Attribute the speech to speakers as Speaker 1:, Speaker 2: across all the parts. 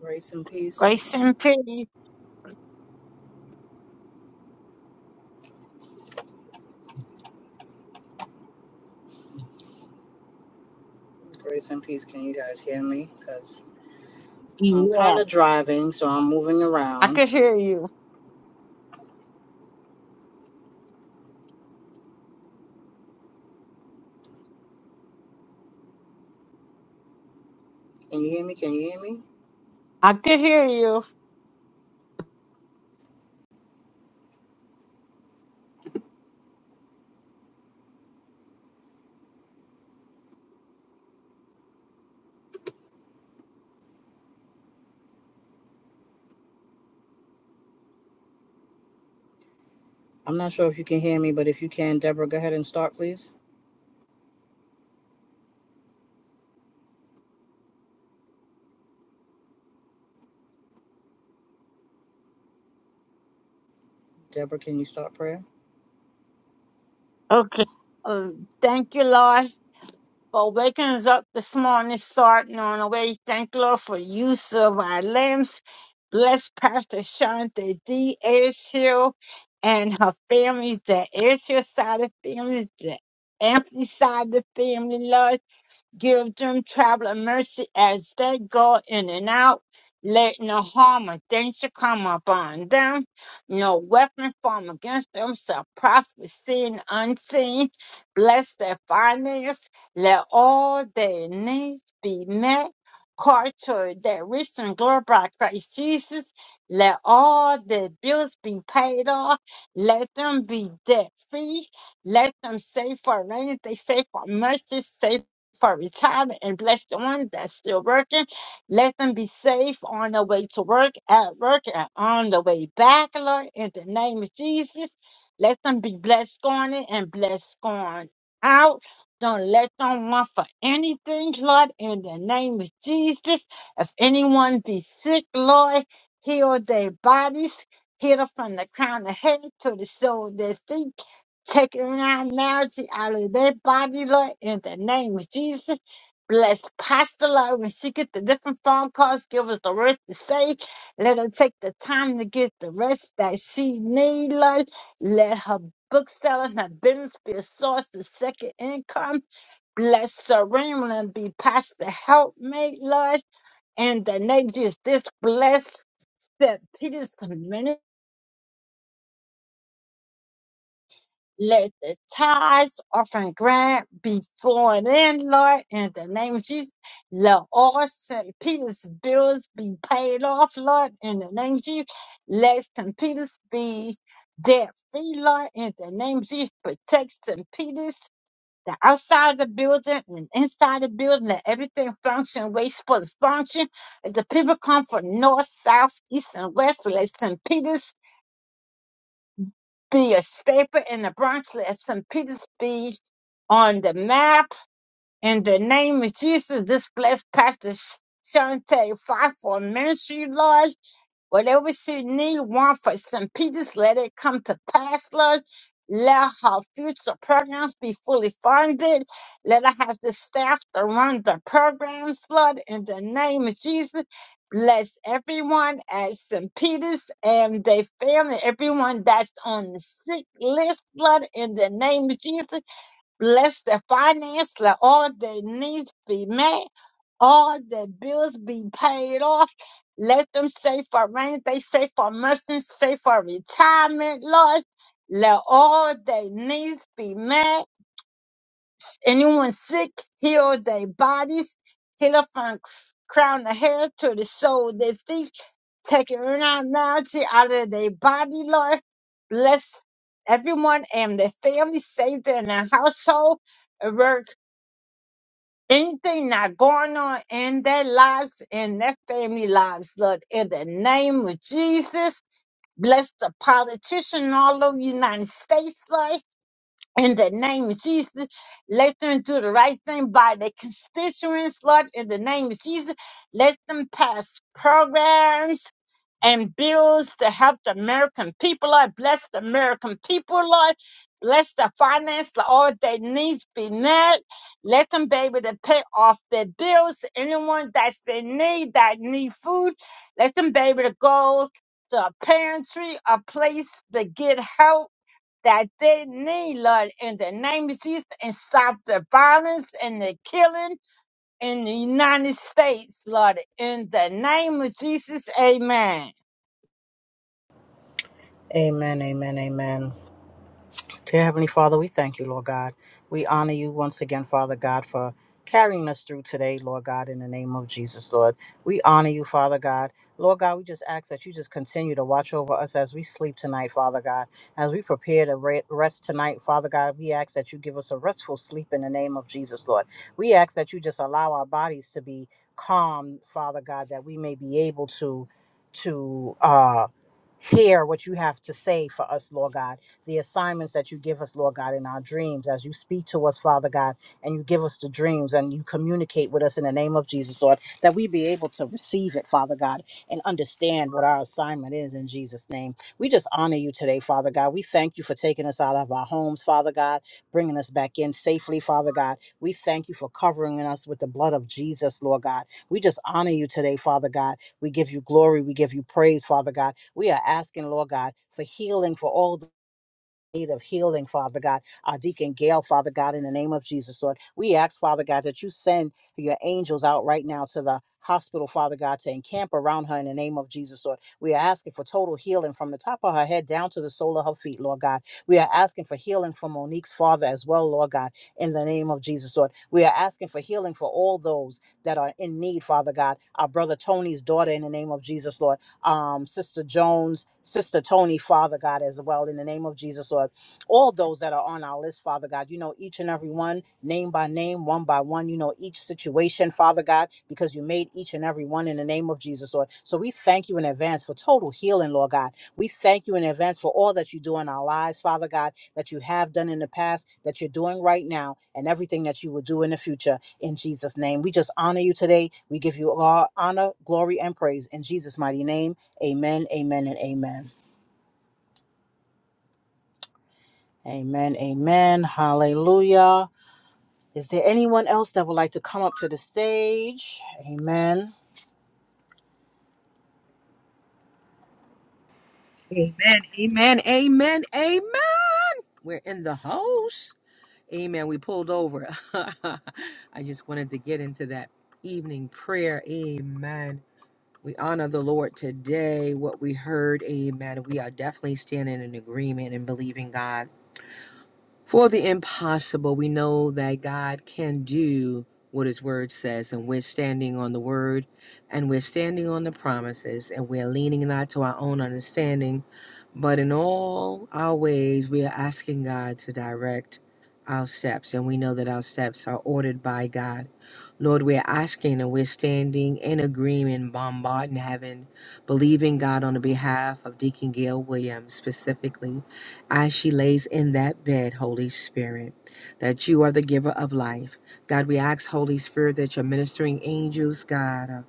Speaker 1: Grace and peace.
Speaker 2: Grace and peace.
Speaker 1: Grace and peace. Can you guys hear me? Because I'm
Speaker 2: Yeah,
Speaker 1: kind of driving, so I'm moving
Speaker 2: I
Speaker 1: around.
Speaker 2: could hear you.
Speaker 1: Can you hear me? Can you hear me?
Speaker 2: I could hear you.
Speaker 1: I'm not sure if you can hear me, but if you can, Deborah, go ahead and start, please. Deborah, can you start prayer?
Speaker 2: Okay. Uh, thank you, Lord, for waking us up this morning, starting on our way. Thank you, Lord, for use of our limbs. Bless Pastor Shante D. Israel and her family, the Israel side of families, the Ampley side of the family, Lord. Give them traveling mercy as they go in and out. Let no harm or danger come upon them. No weapon formed against them shall prosper, seen, unseen. Bless their finance. Let all their needs be met. Call to their rich and glory by Christ Jesus. Let all their bills be paid off. Let them be debt free. Let them save for rain. They save for mercy. Save for retirement and bless the ones that's still working. Let them be safe on their way to work, at work, and on the way back, Lord, in the name of Jesus. Let them be blessed going in and blessed going out. Don't let them want for anything, Lord, in the name of Jesus. If anyone be sick, Lord, heal their bodies. Heal them from the crown of head to the sole of their feet taking our marriage out of their body, Lord, in the name of Jesus. Bless Pastor Lord when she get the different phone calls, give us the rest to say. Let her take the time to get the rest that she need, Lord. Let her book selling, her business be a source of second income. Bless Serena and be Pastor helpmate, Lord. in the name of Jesus, this bless St. Peter's ministry. Let the tithes, offering, grant be flowing in, Lord, in the name of Jesus. Let all St. Peter's bills be paid off, Lord, in the name of Jesus. Let St. Peter's be debt free, Lord, in the name of Jesus. Protect St. Peter's, the outside of the building and inside the building. Let everything function where it's supposed to function. As the people come from north, south, east, and west, let St. Peter's be a staple in the Bronx. Let St. Peter's be on the map. In the name of Jesus, this blessed pastor Shante Five for ministry, Lord. Whatever she need want for St. Peter's, let it come to pass, Lord. Let her future programs be fully funded. Let her have the staff to run the programs, Lord. In the name of Jesus, bless everyone at St. Peter's and their family, everyone that's on the sick list, Lord. In the name of Jesus, bless their finance. Let all their needs be met all the bills be paid off. Let them save for rain. They save for mercy. Save for retirement, Lord. Let all their needs be met. Anyone sick, heal their bodies. Heal them from crown of hair to the sole of their feet. Take abnormality out of their body, Lord. Bless everyone and their family. Save them in their household anything not going on in their lives, in their family lives, Lord, in the name of Jesus. Bless the politician all over the United States, Lord. In the name of Jesus, let them do the right thing by their constituents, Lord. In the name of Jesus, let them pass programs and bills to help the American people. I bless the American people, Lord. Bless the finance, let all their needs be met. Let them be able to pay off their bills. Anyone that's in need, that need food, let them be able to go to a pantry, a place to get help that they need, Lord, in the name of Jesus, and stop the violence and the killing in the United States, Lord, in the name of Jesus, amen.
Speaker 1: Amen, amen, amen. Dear Heavenly Father, we thank you, Lord God. We honor you once again, Father God, for carrying us through today, Lord God, in the name of Jesus, Lord. We honor you, Father God. Lord God, we just ask that you just continue to watch over us as we sleep tonight, Father God. As we prepare to re- rest tonight, Father God, we ask that you give us a restful sleep in the name of Jesus, Lord. We ask that you just allow our bodies to be calm, Father God, that we may be able to to uh hear what you have to say for us, Lord God the assignments that you give us, Lord God, in our dreams, as you speak to us, Father God, and you give us the dreams and you communicate with us in the name of Jesus, Lord, that we be able to receive it, Father God, and understand what our assignment is in Jesus' name. We just honor you today, Father God. We thank you for taking us out of our homes, Father God, bringing us back in safely, Father God. We thank you for covering us with the blood of Jesus, Lord God. We just honor you today, Father God. We give you glory. We give you praise, Father God. We are asking, Lord God, for healing for all need of healing, Father God. Our deacon Gail, Father God, in the name of Jesus, Lord, we ask, Father God, that you send your angels out right now to the hospital, Father God, to encamp around her in the name of Jesus, Lord. We are asking for total healing from the top of her head down to the sole of her feet, Lord God. We are asking for healing for Monique's father as well, Lord God, in the name of Jesus, Lord. We are asking for healing for all those that are in need, Father God. Our brother Tony's daughter, in the name of Jesus, Lord um, Sister Jones, Sister Tony, Father God, as well, in the name of Jesus, Lord. All those that are on our list, Father God, you know each and every one, name by name, one by one. You know each situation, Father God, because you made each and every one in the name of Jesus, Lord. So we thank you in advance for total healing, Lord God. We thank you in advance for all that you do in our lives, Father God that you have done in the past, that you're doing right now, and everything that you will do in the future. In Jesus' name, we just honor you today. We give you all honor, glory, and praise in Jesus' mighty name. Amen, amen, and amen. Amen, amen. Hallelujah. Is there anyone else that would like to come up to the stage? Amen.
Speaker 3: Amen, amen, amen, amen. We're in the house. Amen. We pulled over. I just wanted to get into that evening prayer. Amen. We honor the Lord today, what we heard. Amen. We are definitely standing in agreement and believing God. For the impossible, we know that God can do what His Word says, and we're standing on the Word and we're standing on the promises, and we're leaning not to our own understanding, but in all our ways, we are asking God to direct our steps, and we know that our steps are ordered by God. Lord, we're asking and we're standing in agreement, bombarding heaven, believing God on the behalf of Deacon Gail Williams specifically as she lays in that bed, Holy Spirit, that you are the giver of life. God, we ask, Holy Spirit, that your ministering angels, God, uh,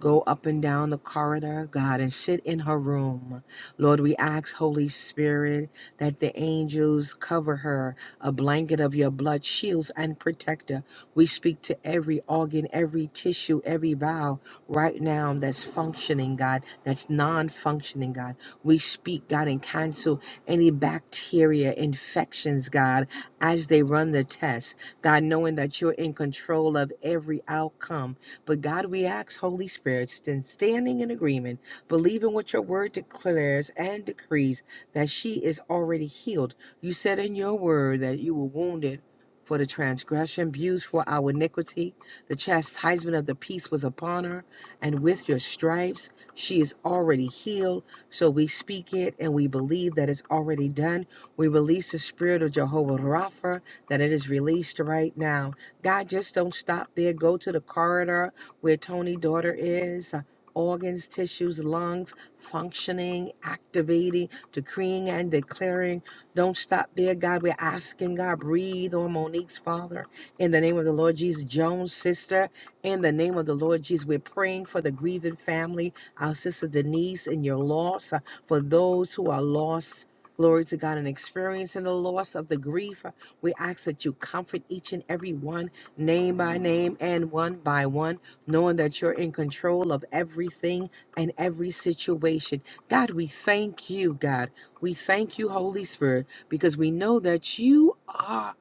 Speaker 3: go up and down the corridor, God, and sit in her room. Lord, we ask, Holy Spirit, that the angels cover her, a blanket of your blood shields and protect her. We speak to every organ, every tissue, every bowel right now that's functioning, God, that's non functioning, God. We speak, God, and cancel any bacteria, infections, God, as they run the test. God, knowing that you're in control of every outcome. But God, we ask, Holy Spirit, stand- standing in agreement, believing what your word declares and decrees that she is already healed. You said in your word that you were wounded. For the transgression, bruised for our iniquity, the chastisement of the peace was upon her, and with your stripes she is already healed. So we speak it and we believe that it's already done. We release the spirit of Jehovah Rapha, that it is released right now. God, just don't stop there. Go to the corridor where Tony' daughter is. uh, Organs, tissues, lungs functioning, activating, decreeing, and declaring. Don't stop there, God. We're asking God, breathe on Monique's father in the name of the Lord Jesus. Jones' sister, in the name of the Lord Jesus, we're praying for the grieving family our sister Denise and your loss uh, for those who are lost. Glory to God and experiencing the loss of the grief. uh, We ask that you comfort each and every one, name by name and one by one, knowing that you're in control of everything and every situation. God, we thank you, God. We thank you, Holy Spirit, because we know that you are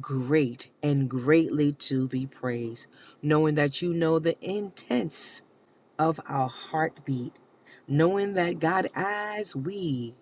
Speaker 3: great and greatly to be praised, knowing that you know the intents of our heartbeat, knowing that God eyes we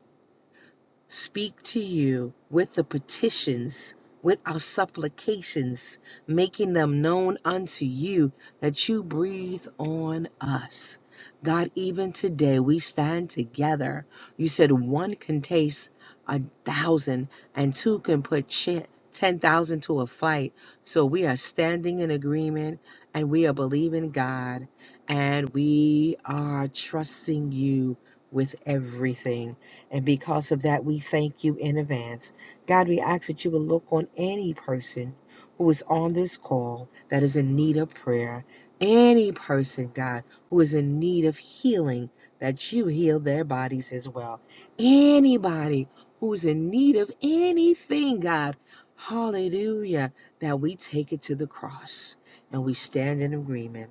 Speaker 3: speak to you with the petitions, with our supplications, making them known unto you that you breathe on us. God, even today we stand together. You said one can taste a thousand, and two can put chi- 10,000 to a fight. So we are standing in agreement and we are believing God and we are trusting you with everything. And because of that, we thank you in advance. God, we ask that you will look on any person who is on this call that is in need of prayer, any person, God, who is in need of healing, that you heal their bodies as well. Anybody who is in need of anything, God, hallelujah, that we take it to the cross and we stand in agreement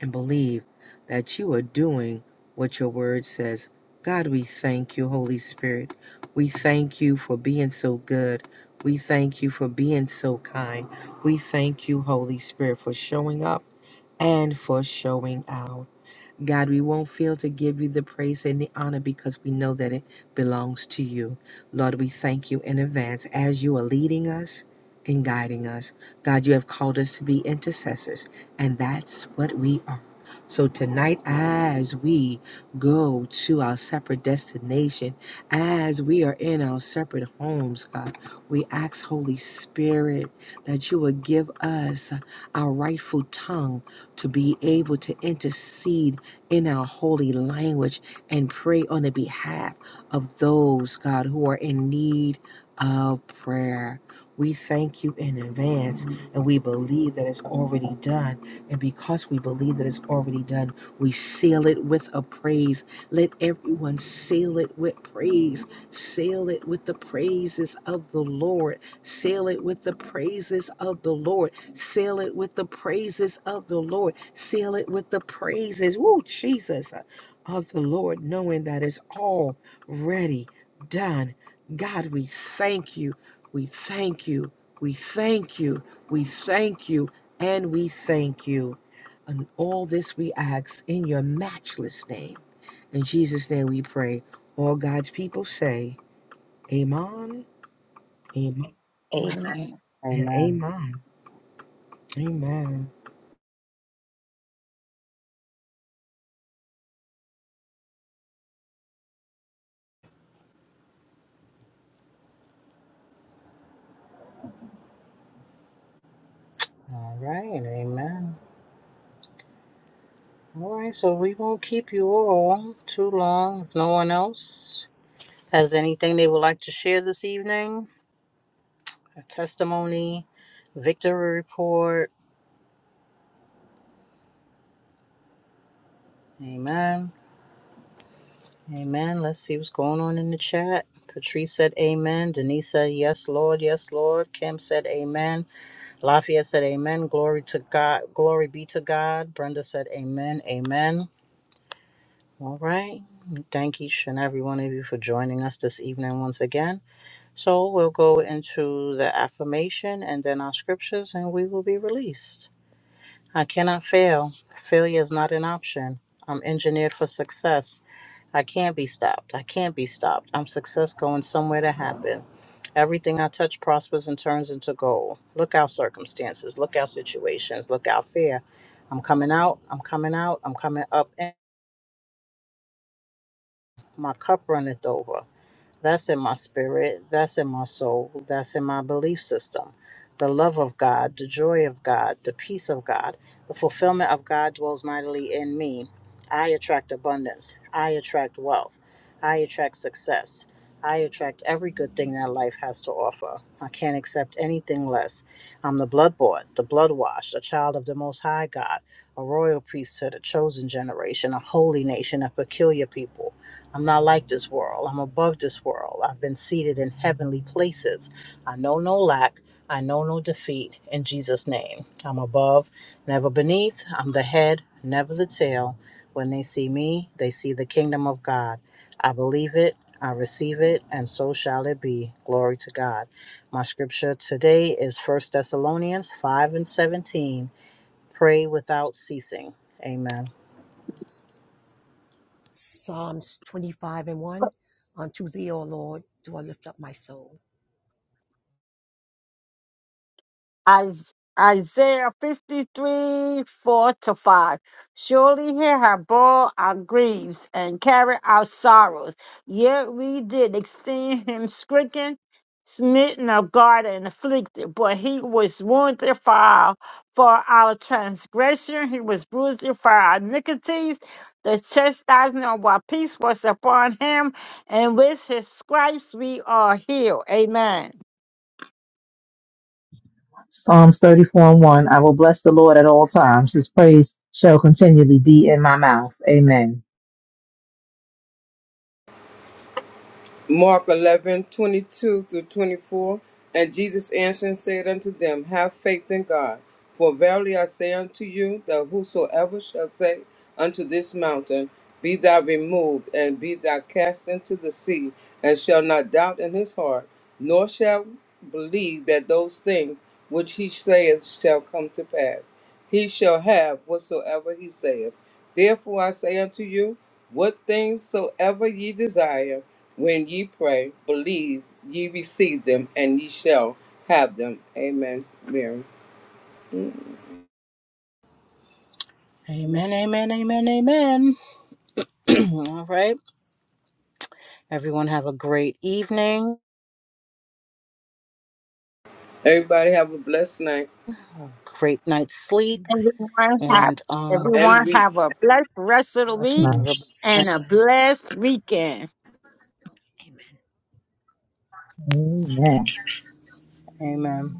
Speaker 3: and believe that you are doing what your word says. God, we thank you, Holy Spirit. We thank you for being so good. We thank you for being so kind. We thank you, Holy Spirit, for showing up and for showing out. God, we won't fail to give you the praise and the honor because we know that it belongs to you. Lord, we thank you in advance as you are leading us and guiding us. God, you have called us to be intercessors, and that's what we are. So tonight, as we go to our separate destination, as we are in our separate homes, God, we ask, Holy Spirit, that you will give us our rightful tongue to be able to intercede in our holy language and pray on the behalf of those, God, who are in need of prayer. We thank you in advance and we believe that it's already done. And because we believe that it's already done, we seal it with a praise. Let everyone seal it with praise. Seal it with the praises of the Lord. Seal it with the praises of the Lord. Seal it with the praises of the Lord. Seal it with the praises, woo, Jesus, uh, of the Lord, knowing that it's already done. God, we thank you. We thank you. We thank you. We thank you. And we thank you. And all this we ask in your matchless name. In Jesus' name we pray. All God's people say, Amen, Amen,
Speaker 2: Amen.
Speaker 3: and
Speaker 1: Amen.
Speaker 3: Amen. Amen.
Speaker 1: All right, amen. All right, so we won't keep you all too long. If no one else has anything they would like to share this evening, a testimony, victory report. Amen. Amen. Let's see what's going on in the chat. Patrice said amen. Denise said yes, Lord. Yes, Lord. Kim said amen. Lafayette said amen. Glory to God. Glory be to God. Brenda said amen. Amen. All right. Thank each and every one of you for joining us this evening once again. So we'll go into the affirmation and then our scriptures, and we will be released. I cannot fail. Failure is not an option. I'm engineered for success. I can't be stopped. I can't be stopped. I'm success going somewhere to happen. Everything I touch prospers and turns into gold. Look out circumstances, look out situations, look out fear. I'm coming out, I'm coming out, I'm coming up, and my cup runneth over. That's in my spirit. That's in my soul. That's in my belief system. The love of God, the joy of God, the peace of God, the fulfillment of God dwells mightily in me. I attract abundance. I attract wealth. I attract success. I attract every good thing that life has to offer. I can't accept anything less. I'm the blood bought, the blood washed, a child of the Most High God, a royal priesthood, a chosen generation, a holy nation, a peculiar people. I'm not like this world. I'm above this world. I've been seated in heavenly places. I know no lack. I know no defeat in Jesus' name. I'm above, never beneath. I'm the head, never the tail. When they see me, they see the kingdom of God. I believe it. I receive it, and so shall it be. Glory to God. My scripture today is First Thessalonians 5 and 17. Pray without ceasing. Amen.
Speaker 4: Psalms 25 and 1. Unto thee, O Lord, do I lift up my soul.
Speaker 2: Is- Isaiah 53, 4 to 5. Surely he had bore our griefs and carried our sorrows, yet we did esteem him stricken, smitten of God, and afflicted. But he was wounded for our, for our transgression, he was bruised for our iniquities. The chastisement of our peace was upon him, and with his stripes we are healed. Amen.
Speaker 5: Psalms 34 and 1. I will bless the Lord at all times. His praise shall continually be in my mouth. Amen.
Speaker 6: Mark eleven twenty two through 24. And Jesus answered and said unto them, Have faith in God. For verily I say unto you, that whosoever shall say unto this mountain, Be thou removed, and be thou cast into the sea, and shall not doubt in his heart, nor shall believe that those things which he saith shall come to pass he shall have whatsoever he saith. Therefore I say unto you, what things soever ye desire, when ye pray, believe ye receive them, and ye shall have them. Amen. Mary.
Speaker 1: Amen, amen, amen, amen. All right. Everyone have a great evening,
Speaker 6: Everybody have a blessed night
Speaker 1: a great night's sleep,
Speaker 4: Good night.
Speaker 2: Everyone have
Speaker 1: and um,
Speaker 4: Good
Speaker 6: and
Speaker 2: everyone
Speaker 4: night.
Speaker 6: week.
Speaker 2: have a blessed rest of the
Speaker 5: Bless
Speaker 1: have
Speaker 2: week
Speaker 5: my.
Speaker 1: a- blessed night.
Speaker 2: and
Speaker 4: Sleep
Speaker 2: a
Speaker 4: well.
Speaker 2: blessed weekend.
Speaker 4: Amen.
Speaker 5: Amen.
Speaker 1: amen.